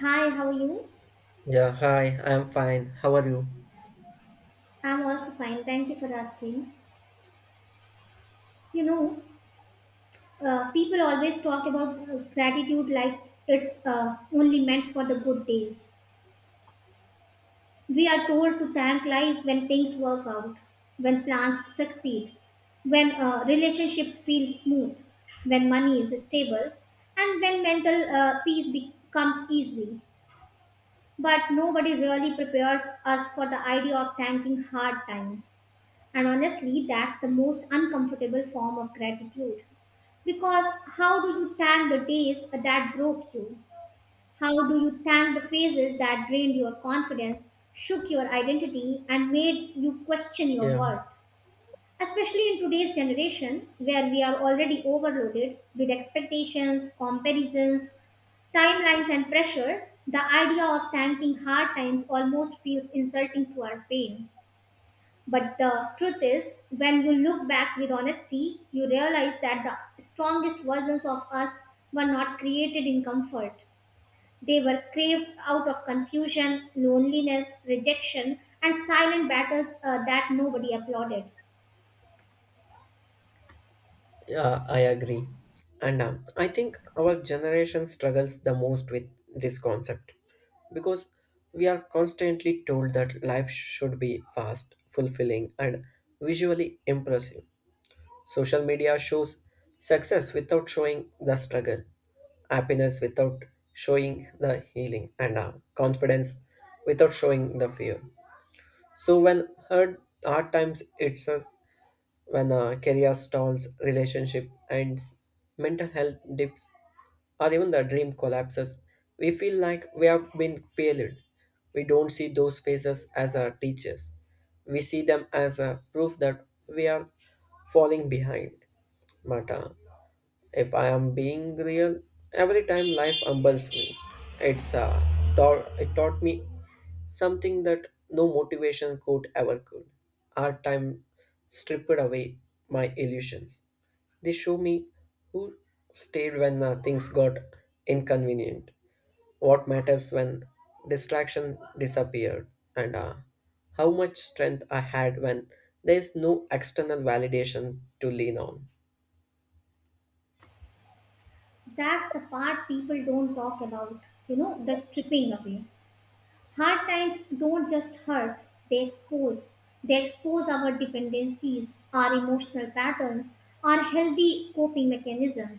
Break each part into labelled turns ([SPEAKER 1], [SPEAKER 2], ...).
[SPEAKER 1] Hi, how are you?
[SPEAKER 2] Yeah, hi, I'm fine. How are you?
[SPEAKER 1] I'm also fine. Thank you for asking. You know, people always talk about gratitude like it's only meant for the good days. We are told to thank life when things work out, when plans succeed, when relationships feel smooth, when money is stable, and when mental peace becomes easy. But nobody really prepares us for the idea of thanking hard times. And honestly, that's the most uncomfortable form of gratitude. Because how do you thank the days that broke you? How do you thank the phases that drained your confidence, shook your identity, and made you question your
[SPEAKER 2] Yeah,
[SPEAKER 1] worth? Especially in today's generation, where we are already overloaded with expectations, comparisons, timelines, and pressure, the idea of thanking hard times almost feels insulting to our pain. But the truth is, when you look back with honesty, you realize that the strongest versions of us were not created in comfort. They were craved out of confusion, loneliness, rejection, and silent battles that nobody applauded.
[SPEAKER 2] yeah, I agree. And I think our generation struggles the most with this concept because we are constantly told that life should be fast, fulfilling, and visually impressive. Social media shows success without showing the struggle, happiness without showing the healing, and confidence without showing the fear. So when hard times hits us, when career stalls, relationship ends, mental health dips, or even the dream collapses, we feel like we have been failed. We don't see those phases as our teachers. We see them as a proof that we are falling behind. But if I am being real, every time life humbles me, it's uh, it taught me something that no motivation could ever could. Hard time stripped away my illusions. They show me who stayed when things got inconvenient, what matters when distraction disappeared, and how much strength I had when there's no external validation to lean on.
[SPEAKER 1] That's the part people don't talk about, you know, the stripping away. Hard times don't just hurt, they expose. They expose our dependencies, our emotional patterns, our healthy coping mechanisms.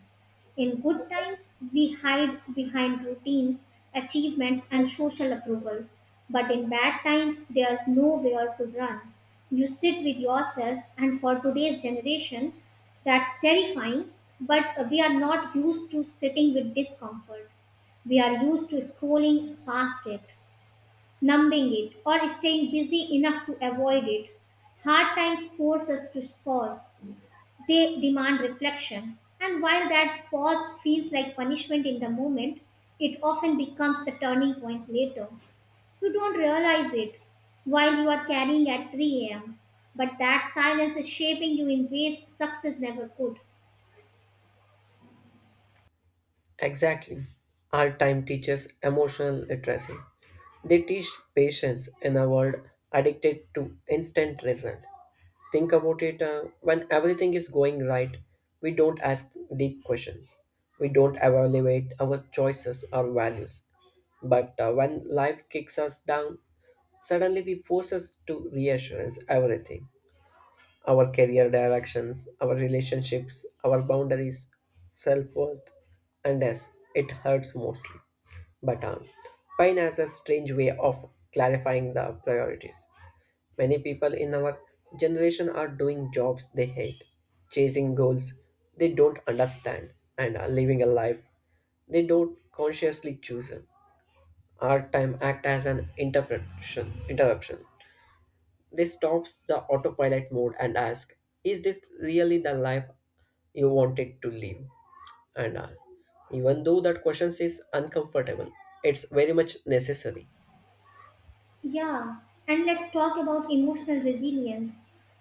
[SPEAKER 1] In good times, we hide behind routines, achievements, and social approval. But in bad times, there's nowhere to run. You sit with yourself, and for today's generation, that's terrifying, but we are not used to sitting with discomfort. We are used to scrolling past it, numbing it, or staying busy enough to avoid it. Hard times force us to pause, they demand reflection. And while that pause feels like punishment in the moment, it often becomes the turning point later. You don't realize it while you are carrying at 3 a.m., but that silence is shaping you in ways success never could.
[SPEAKER 2] Exactly. Our time teaches emotional literacy. They teach patience in a world addicted to instant result. Think about it. When everything is going right, we don't ask deep questions. We don't evaluate our choices or values. But when life kicks us down, suddenly we force us to reassurance everything our career directions, our relationships, our boundaries, self worth, and yes, it hurts mostly. But pain has a strange way of clarifying the priorities. Many people in our generation are doing jobs they hate, chasing goals they don't understand, and are living a life they don't consciously choose. Our time act as an interruption they stops the autopilot mode and ask, "Is this really the life you wanted to live?" And even though that question is uncomfortable, it's very much necessary.
[SPEAKER 1] Yeah, and let's talk about emotional resilience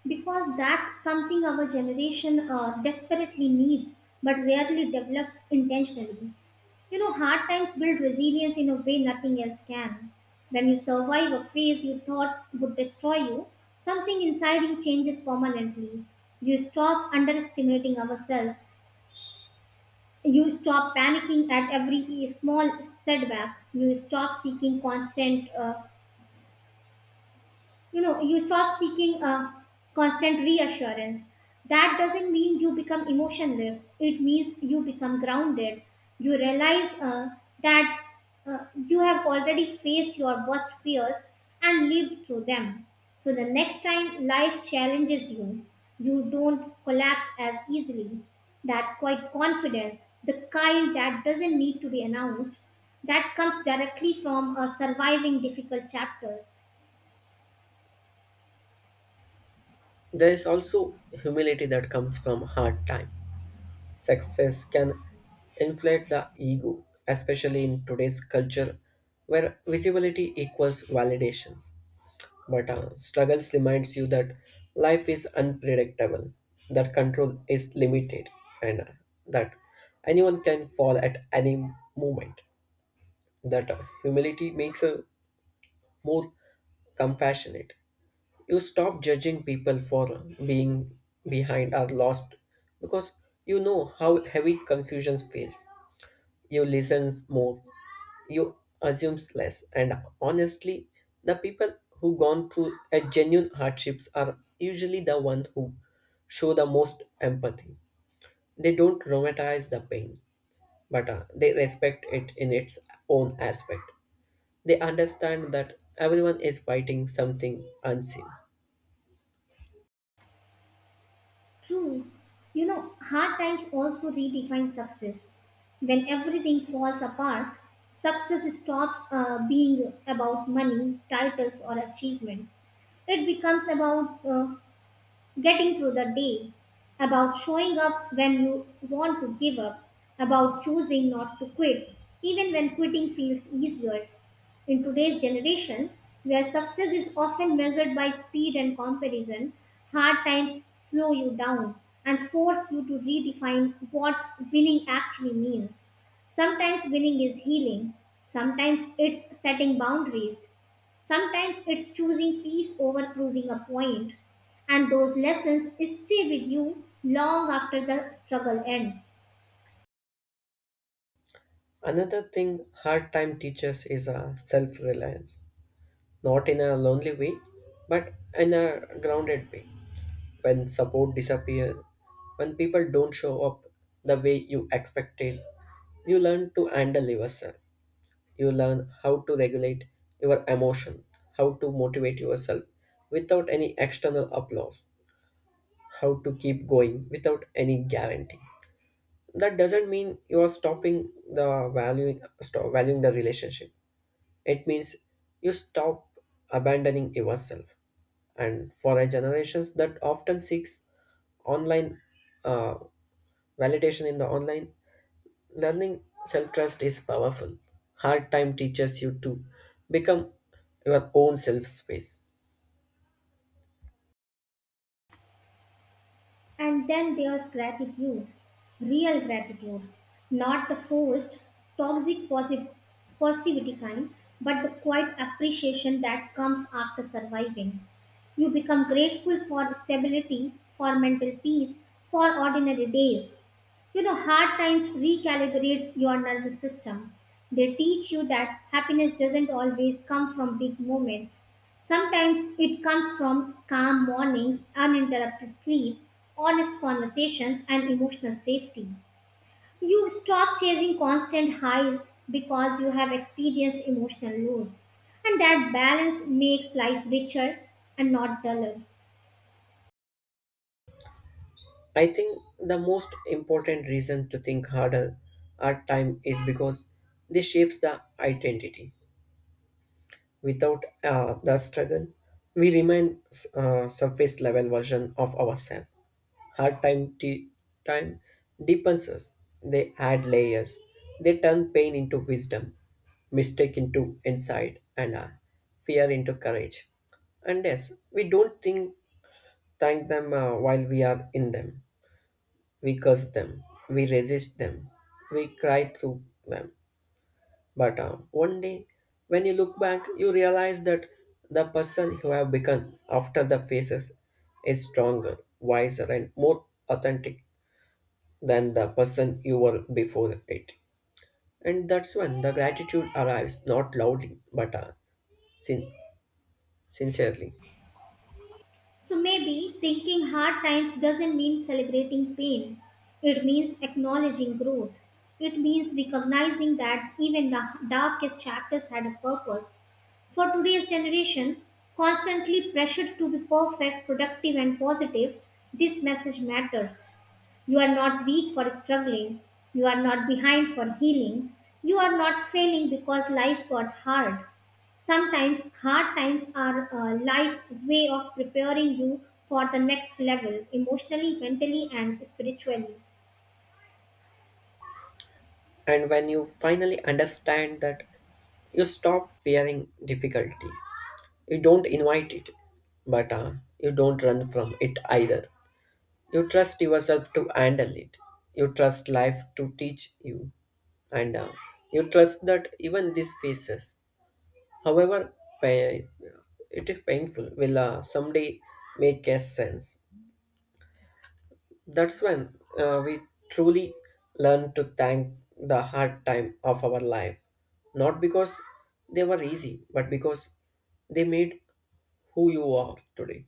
[SPEAKER 1] because that's something our generation desperately needs but rarely develops intentionally. You know, hard times build resilience in a way nothing else can. When you survive a phase you thought would destroy you, something inside you changes permanently. You stop underestimating ourselves. You stop panicking at every small setback. You stop seeking you know you stop seeking uh, constant reassurance. That doesn't mean you become emotionless, it means you become grounded. You realize that you have already faced your worst fears and lived through them, so the next time life challenges you, you don't collapse as easily. That quiet confidence, the kind that doesn't need to be announced, that comes directly from surviving difficult chapters.
[SPEAKER 2] There is also humility that comes from hard time. Success can inflate the ego, especially in today's culture where visibility equals validations. But struggles reminds you that life is unpredictable, that control is limited, and that anyone can fall at any moment. That humility makes a more compassionate you stop judging people for being behind or lost because you know how heavy confusion feels. You listen more, you assume less, and honestly, the people who gone through a genuine hardships are usually the one who show the most empathy. They don't romanticize the pain, but they respect it in its own aspect. They understand that everyone is fighting something unseen.
[SPEAKER 1] True. You know, hard times also redefine success. When everything falls apart, success stops being about money, titles, or achievements. It becomes about getting through the day, about showing up when you want to give up, about choosing not to quit, even when quitting feels easier. In today's generation, where success is often measured by speed and comparison, hard times slow you down and force you to redefine what winning actually means. Sometimes winning is healing, sometimes it's setting boundaries, sometimes it's choosing peace over proving a point, and those lessons stay with you long after the struggle ends.
[SPEAKER 2] Another thing hard time teaches is a self reliance, not in a lonely way, but in a grounded way. When support disappears, when people don't show up the way you expected, you learn to handle yourself. You learn how to regulate your emotion, how to motivate yourself without any external applause, how to keep going without any guarantee. That doesn't mean you are stopping the valuing stop valuing the relationship it means you stop abandoning yourself. And for a generations that often seeks online uh, validation in the online learning, self trust is powerful. Hard time teaches you to become your own self space.
[SPEAKER 1] And then there's gratitude, real gratitude, not the forced, toxic posi- positivity kind, but the quiet appreciation that comes after surviving. You become grateful for stability, for mental peace, for ordinary days. You know, hard times recalibrate your nervous system. They teach you that happiness doesn't always come from big moments. Sometimes it comes from calm mornings, uninterrupted sleep, honest conversations, and emotional safety. You stop chasing constant highs because you have experienced emotional lows. And that balance makes life richer and not duller.
[SPEAKER 2] I think the most important reason to think hard time is because this shapes the identity. Without the struggle, we remain surface level version of ourselves. Hard time deepens us. They add layers. They turn pain into wisdom, mistake into insight, and fear into courage. And yes, we don't think thank them while we are in them. We curse them. We resist them. We cry through them. But one day, when you look back, you realize that the person you have become after the phases is stronger, wiser, and more authentic than the person you were before it. And that's when the gratitude arrives, not loudly, but sin- sincerely.
[SPEAKER 1] So maybe thinking hard times doesn't mean celebrating pain. It means acknowledging growth. It means recognizing that even the darkest chapters had a purpose. For today's generation, constantly pressured to be perfect, productive, and positive, this message matters. You are not weak for struggling. You are not behind for healing. You are not failing because life got hard. Sometimes hard times are life's way of preparing you for the next level, emotionally, mentally, and spiritually.
[SPEAKER 2] And when you finally understand that, you stop fearing difficulty. You don't invite it, but you don't run from it either. You trust yourself to handle it. You trust life to teach you, and you trust that even these phases, however pa- it is painful, will someday make a sense. That's when we truly learn to thank the hard time of our life, not because they were easy, but because they made who you are today.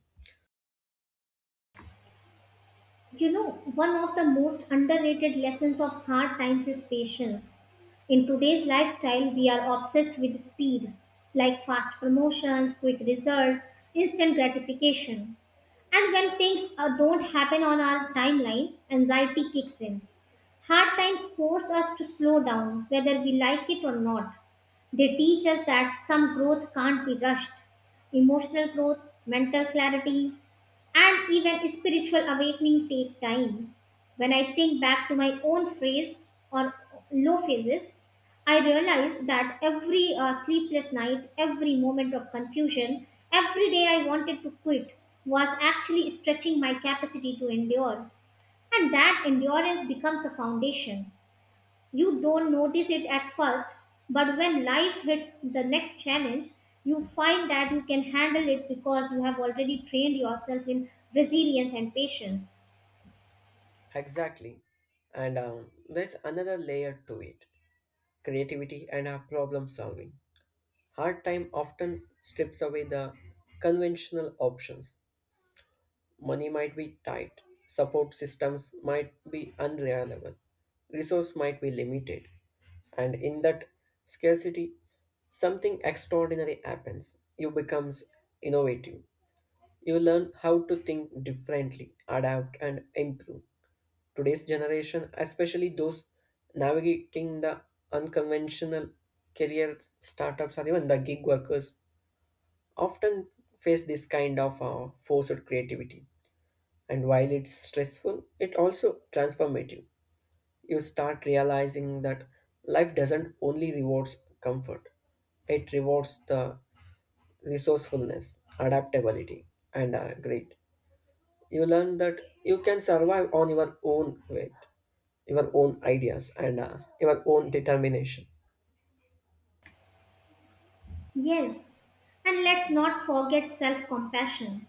[SPEAKER 1] You know, one of the most underrated lessons of hard times is patience. In today's lifestyle, we are obsessed with speed, like fast promotions, quick results, instant gratification. And when things don't happen on our timeline, anxiety kicks in. Hard times force us to slow down, whether we like it or not. They teach us that some growth can't be rushed. Emotional growth, mental clarity, and even spiritual awakening take time. When I think back to my own phase or low phases, I realized that every sleepless night, every moment of confusion, every day I wanted to quit was actually stretching my capacity to endure. And that endurance becomes a foundation. You don't notice it at first, but when life hits the next challenge, you find that you can handle it because you have already trained yourself in resilience and patience.
[SPEAKER 2] Exactly. And there's another layer to it. Creativity, and our problem solving. Hard time often strips away the conventional options. Money might be tight, support systems might be unreliable, resource might be limited, and in that scarcity, something extraordinary happens. You becomes innovative. You learn how to think differently, adapt, and improve. Today's generation, especially those navigating the unconventional career startups or even the gig workers, often face this kind of forced creativity. And while it's stressful, it also transformative. You start realizing that life doesn't only rewards comfort; it rewards the resourcefulness, adaptability, and grit. You learn that you can survive on your own weight your own ideas and your own determination.
[SPEAKER 1] Yes, and let's not forget self compassion.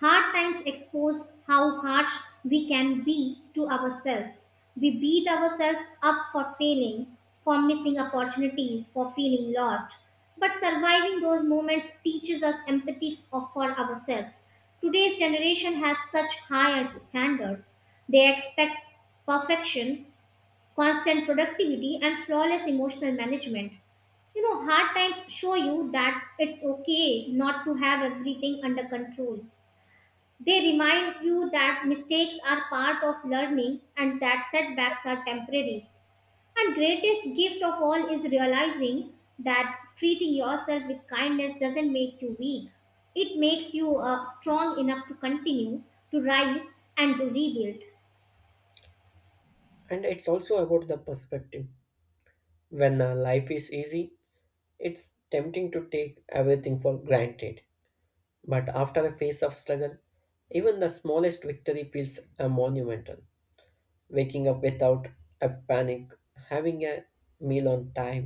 [SPEAKER 1] Hard times expose how harsh we can be to ourselves. We beat ourselves up for failing, for missing opportunities, for feeling lost. But surviving those moments teaches us empathy for ourselves. Today's generation has such higher standards. They expect perfection, constant productivity, and flawless emotional management. You know, hard times show you that it's okay not to have everything under control. They remind you that mistakes are part of learning and that setbacks are temporary. And greatest gift of all is realizing that treating yourself with kindness doesn't make you weak. It makes you strong enough to continue, to rise and to rebuild.
[SPEAKER 2] And it's also about the perspective when life is easy it's tempting to take everything for granted but after a phase of struggle even the smallest victory feels monumental, waking up without a panic, having a meal on time,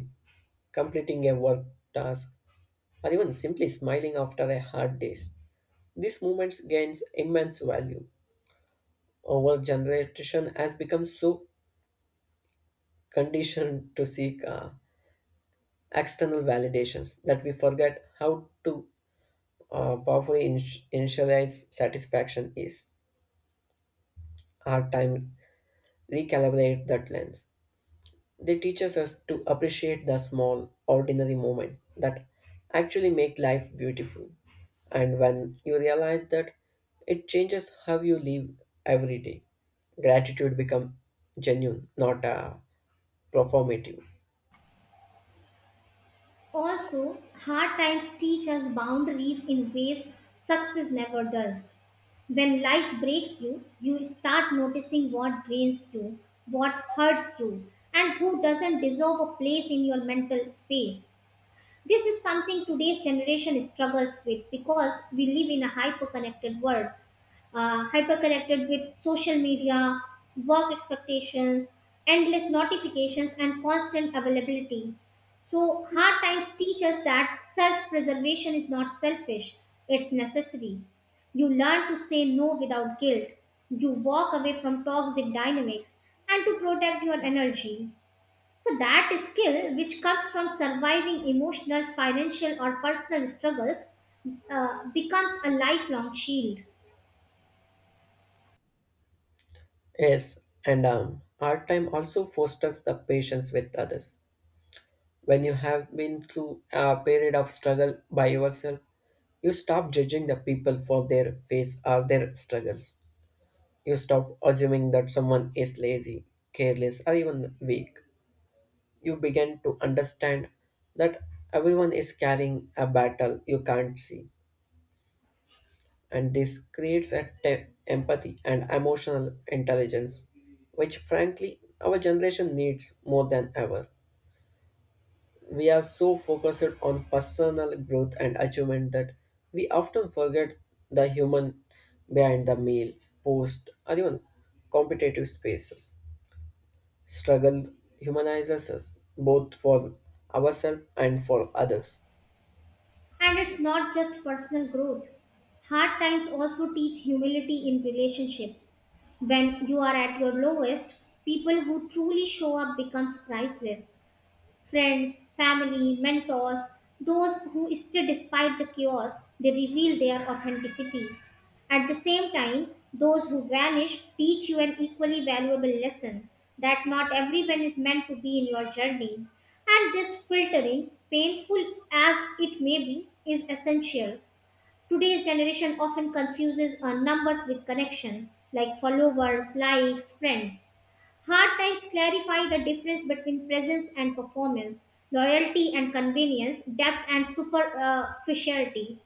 [SPEAKER 2] completing a work task, or even simply smiling after a hard day, these moments gains immense value. Our generation has become so conditioned to seek external validations that we forget how to powerfully initialize satisfaction is. Our time recalibrate that lens. They teach us to appreciate the small, ordinary moment that actually make life beautiful. And when you realize that, it changes how you live every day. Gratitude become genuine, not performative.
[SPEAKER 1] Also, hard times teach us boundaries in ways success never does. When life breaks you, you start noticing what drains you, what hurts you, and who doesn't deserve a place in your mental space. This is something today's generation struggles with because we live in a hyper connected with social media, work expectations, endless notifications, and constant availability. So, hard times teach us that self preservation is not selfish, it's necessary. You learn to say no without guilt. You walk away from toxic dynamics and to protect your energy. So, that skill which comes from surviving emotional, financial, or personal struggles becomes a lifelong shield.
[SPEAKER 2] Yes, and art time also fosters the patience with others. When you have been through a period of struggle by yourself, you stop judging the people for their face or their struggles. You stop assuming that someone is lazy, careless, or even weak. You begin to understand that everyone is carrying a battle you can't see, and this creates a empathy and emotional intelligence, which frankly our generation needs more than ever. We are so focused on personal growth and achievement that we often forget the human behind the meals, post, or even competitive spaces. Struggle humanizes us both for ourselves and for others.
[SPEAKER 1] And it's not just personal growth. Hard times also teach humility in relationships. When you are at your lowest, people who truly show up becomes priceless: friends, family, mentors, those who stay despite the chaos, they reveal their authenticity. At the same time, those who vanish teach you an equally valuable lesson that not everyone is meant to be in your journey. And this filtering, painful as it may be, is essential. Today's generation often confuses numbers with connection, like followers, likes, friends. Hard times clarify the difference between presence and performance, loyalty and convenience, depth and superficiality.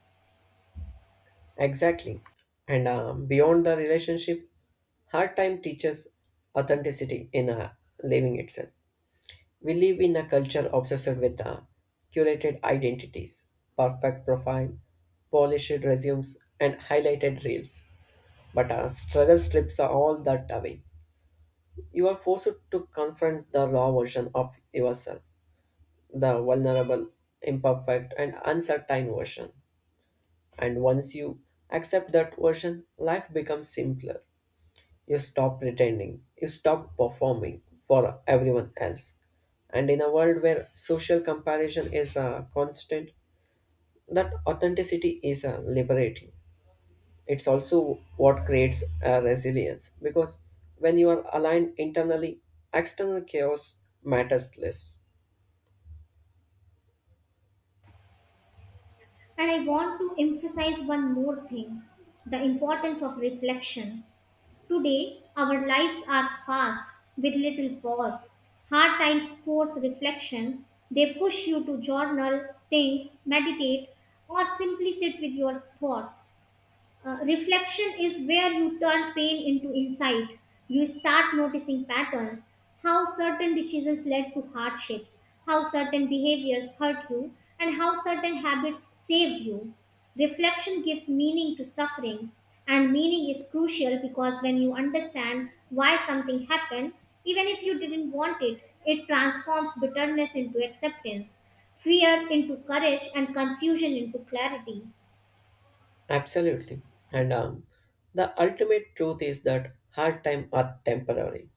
[SPEAKER 2] Exactly. And beyond the relationship, hard time teaches authenticity in living itself. We live in a culture obsessed with curated identities, perfect profile, polished resumes, and highlighted reels. But struggle strips are all that away. You are forced to confront the raw version of yourself, the vulnerable, imperfect, and uncertain version. And once you accept that version, life becomes simpler. You stop pretending, you stop performing for everyone else. And in a world where social comparison is a constant, that authenticity is liberating. It's also what creates resilience because when you are aligned internally, external chaos matters less.
[SPEAKER 1] And I want to emphasize one more thing: the importance of reflection. Today, our lives are fast with little pause. Hard times force reflection. They push you to journal, think, meditate, or simply sit with your thoughts. Reflection is where you turn pain into insight. You start noticing patterns, how certain decisions led to hardships, how certain behaviors hurt you, and how certain habits saved you. Reflection gives meaning to suffering, and meaning is crucial because when you understand why something happened, even if you didn't want it, it transforms bitterness into acceptance, fear into courage, and confusion into clarity.
[SPEAKER 2] Absolutely. And the ultimate truth is that hard times are temporary.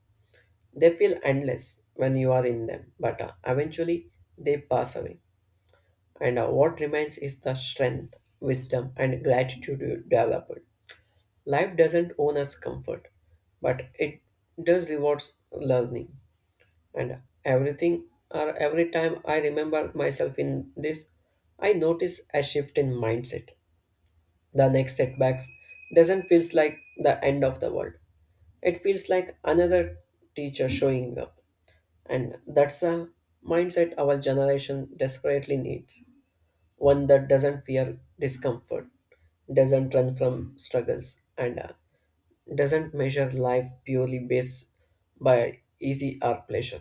[SPEAKER 2] They feel endless when you are in them, but eventually they pass away. And what remains is the strength, wisdom, and gratitude you developed. Life doesn't own us comfort, but it does rewards learning. And everything or every time I remember myself in this, I notice a shift in mindset. The next setbacks doesn't feels like the end of the world. It feels like another teacher showing up. And that's a mindset our generation desperately needs one that doesn't fear discomfort, doesn't run from struggles, and doesn't measure life purely based by easy or pleasure.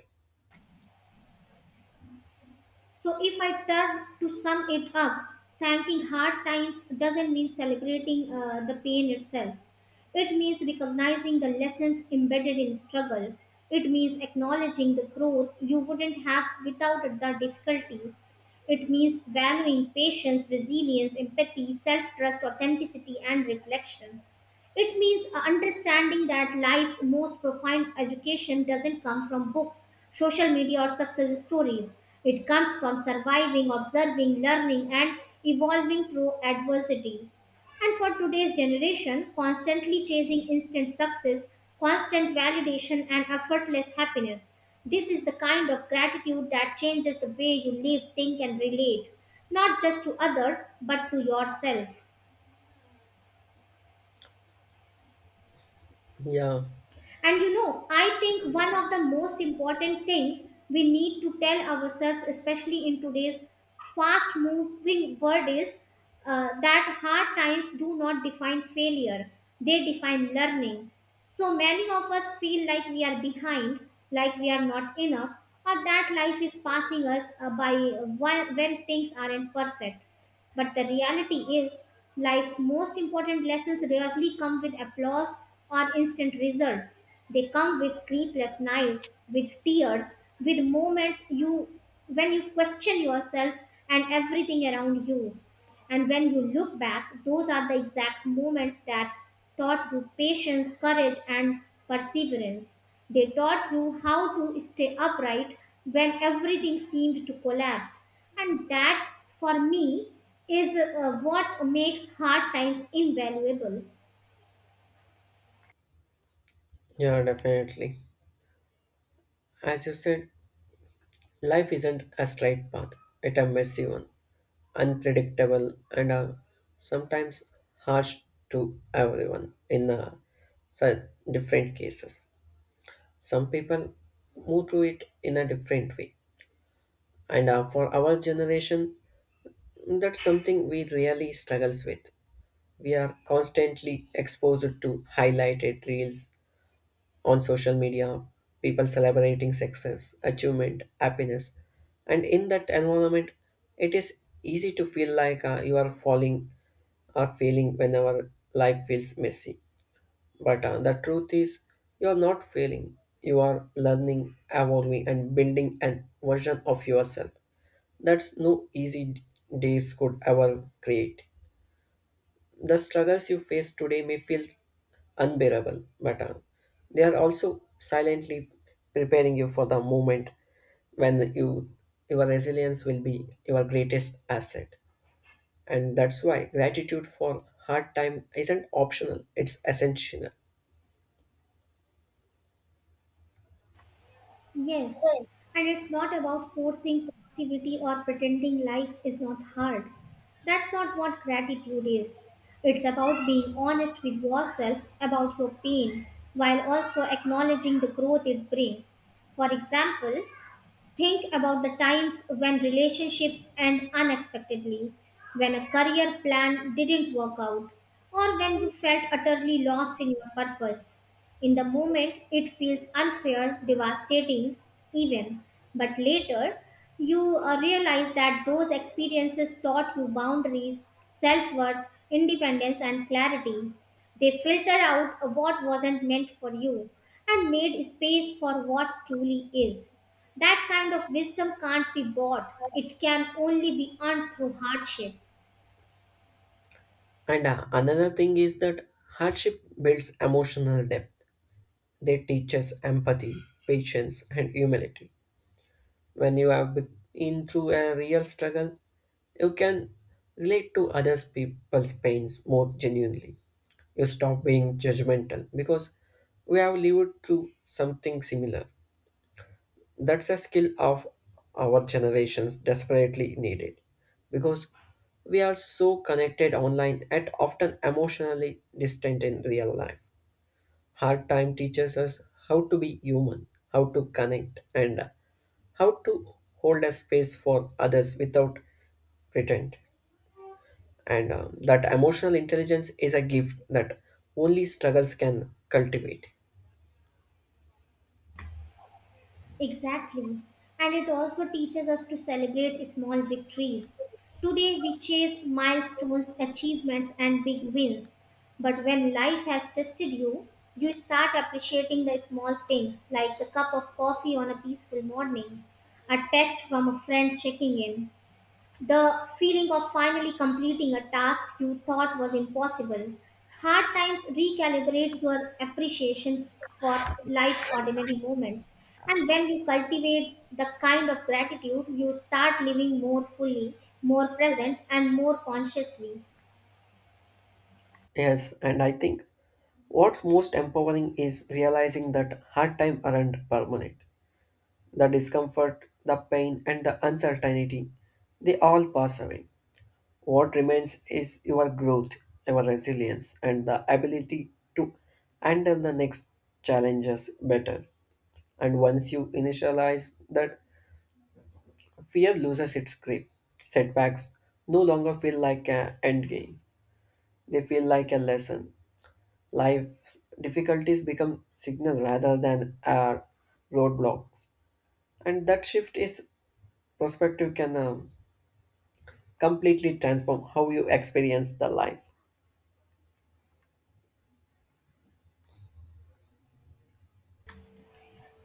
[SPEAKER 1] So if I turn to sum it up, thanking hard times doesn't mean celebrating the pain itself. It means recognizing the lessons embedded in struggle. It means acknowledging the growth you wouldn't have without the difficulty. It means valuing patience, resilience, empathy, self trust, authenticity, and reflection. It means understanding that life's most profound education doesn't come from books, social media, or success stories. It comes from surviving, observing, learning, and evolving through adversity. And for today's generation, constantly chasing instant success, constant validation, and effortless happiness. This is the kind of gratitude that changes the way you live, think, and relate, not just to others, but to yourself.
[SPEAKER 2] Yeah,
[SPEAKER 1] And you know, I think one of the most important things we need to tell ourselves, especially in today's fast moving world, is that hard times do not define failure, they define learning. So many of us feel like we are behind, like we are not enough, or that life is passing us by while when things aren't perfect. But the reality is, life's most important lessons rarely come with applause or instant results. They come with sleepless nights, with tears, with moments you when you question yourself and everything around you. And when you look back, those are the exact moments that taught you patience, courage, and perseverance. They taught you how to stay upright when everything seemed to collapse. And that, for me, is what makes hard times invaluable.
[SPEAKER 2] yeah, definitely. As you said, life isn't a straight path, it's a messy one, unpredictable, and sometimes harsh to everyone in such different cases. Some people move through it in a different way, and for our generation, that's something we really struggles with. We are constantly exposed to highlighted reels on social media, people celebrating success, achievement, happiness. And in that environment, it is easy to feel like you are falling or failing whenever life feels messy. But the truth is, you are not failing. You are learning, evolving, and building a version of yourself that's no easy days could ever create. The struggles you face today may feel unbearable, but they are also silently preparing you for the moment when your resilience will be your greatest asset. And that's why gratitude for hard time isn't optional; it's essential.
[SPEAKER 1] Yes, and it's not about forcing positivity or pretending life is not hard. That's not what gratitude is. It's about being honest with yourself about your pain while also acknowledging the growth it brings. For example, think about the times when relationships end unexpectedly, when a career plan didn't work out, or when you felt utterly lost in your purpose. In the moment, it feels unfair, devastating, even, but later, you realize that those experiences taught you boundaries, self worth, independence, and clarity. They filtered out what wasn't meant for you and made space for what truly is. That kind of wisdom can't be bought. It can only be earned through hardship.
[SPEAKER 2] And another thing is that hardship builds emotional depth. They teach us empathy, patience, and humility. When you have been through a real struggle, you can relate to other people's pains more genuinely. You stop being judgmental because we have lived through something similar. That's a skill of our generations desperately needed because we are so connected online and often emotionally distant in real life. Hard time teaches us how to be human, how to connect, and how to hold a space for others without pretend. And that emotional intelligence is a gift that only struggles can cultivate.
[SPEAKER 1] Exactly. And it also teaches us to celebrate small victories. Today we chase milestones, achievements, and big wins. But when life has tested you, you start appreciating the small things like the cup of coffee on a peaceful morning, a text from a friend checking in, the feeling of finally completing a task you thought was impossible. Hard times recalibrate your appreciation for life's ordinary moments. And when you cultivate the kind of gratitude, you start living more fully, more present, and more consciously.
[SPEAKER 2] Yes, and I think what's most empowering is realizing that hard time aren't permanent. The discomfort, the pain, and the uncertainty, they all pass away. What remains is your growth, your resilience, and the ability to handle the next challenges better. And once you initialize that, fear loses its grip. Setbacks no longer feel like an end game, they feel like a lesson. Life's difficulties become signal rather than roadblocks. And that shift is perspective can completely transform how you experience the life.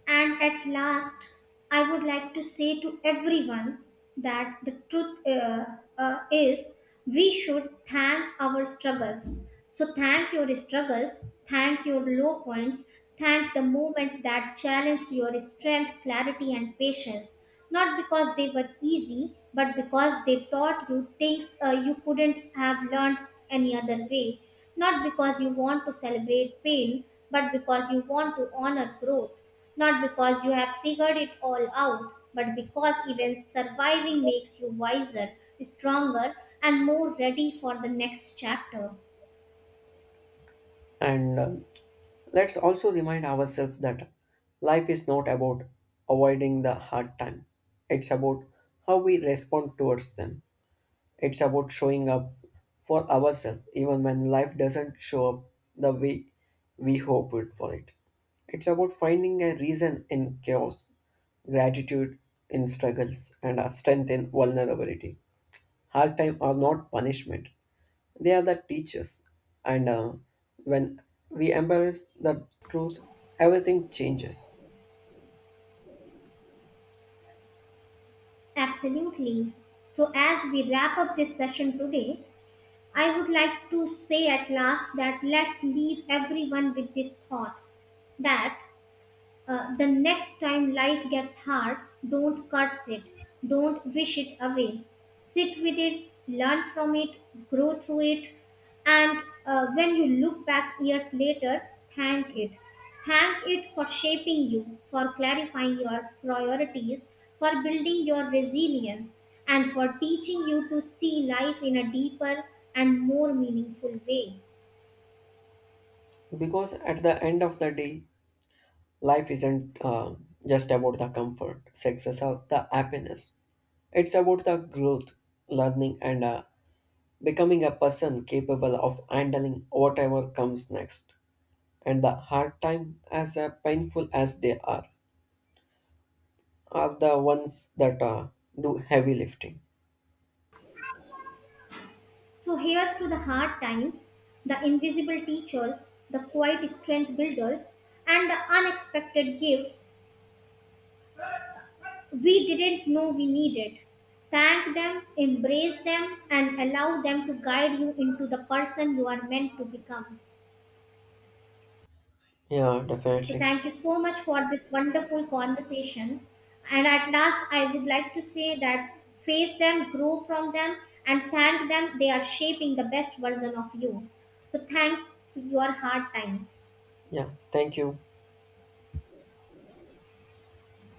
[SPEAKER 1] And at last, I would like to say to everyone that the truth is we should thank our struggles. So, thank your struggles, thank your low points, thank the moments that challenged your strength, clarity, and patience. Not because they were easy, but because they taught you things you couldn't have learned any other way. Not because you want to celebrate pain, but because you want to honor growth, not because you have figured it all out, but because even surviving makes you wiser, stronger, and more ready for the next chapter.
[SPEAKER 2] And uh, Let's also remind ourselves that life is not about avoiding the hard time. It's about how we respond towards them. It's about showing up for ourselves even when life doesn't show up the way we hoped for it. It's about finding a reason in chaos, gratitude in struggles, and a strength in vulnerability. Hard time are not punishment. They are the teachers, and when we embrace the truth, everything changes.
[SPEAKER 1] Absolutely. So, as we wrap up this session today, I would like to say at last that let's leave everyone with this thought that the next time life gets hard, don't curse it. Don't wish it away. Sit with it, learn from it, grow through it. And when you look back years later, thank it. Thank it for shaping you, for clarifying your priorities, for building your resilience, and for teaching you to see life in a deeper and more meaningful way.
[SPEAKER 2] Because at the end of the day, life isn't just about the comfort, success, or the happiness. It's about the growth, learning, and becoming a person capable of handling whatever comes next. And the hard time, as painful as they are the ones that do heavy lifting.
[SPEAKER 1] So here's to the hard times, the invisible teachers, the quiet strength builders, and the unexpected gifts we didn't know we needed. Thank them, embrace them, and allow them to guide you into the person you are meant to become.
[SPEAKER 2] Yeah,
[SPEAKER 1] So,
[SPEAKER 2] definitely.
[SPEAKER 1] thank you so much for this wonderful conversation. And at last, I would like to say that face them, grow from them, and thank them. They are shaping the best version of you. So, thank your hard times.
[SPEAKER 2] Yeah, thank you.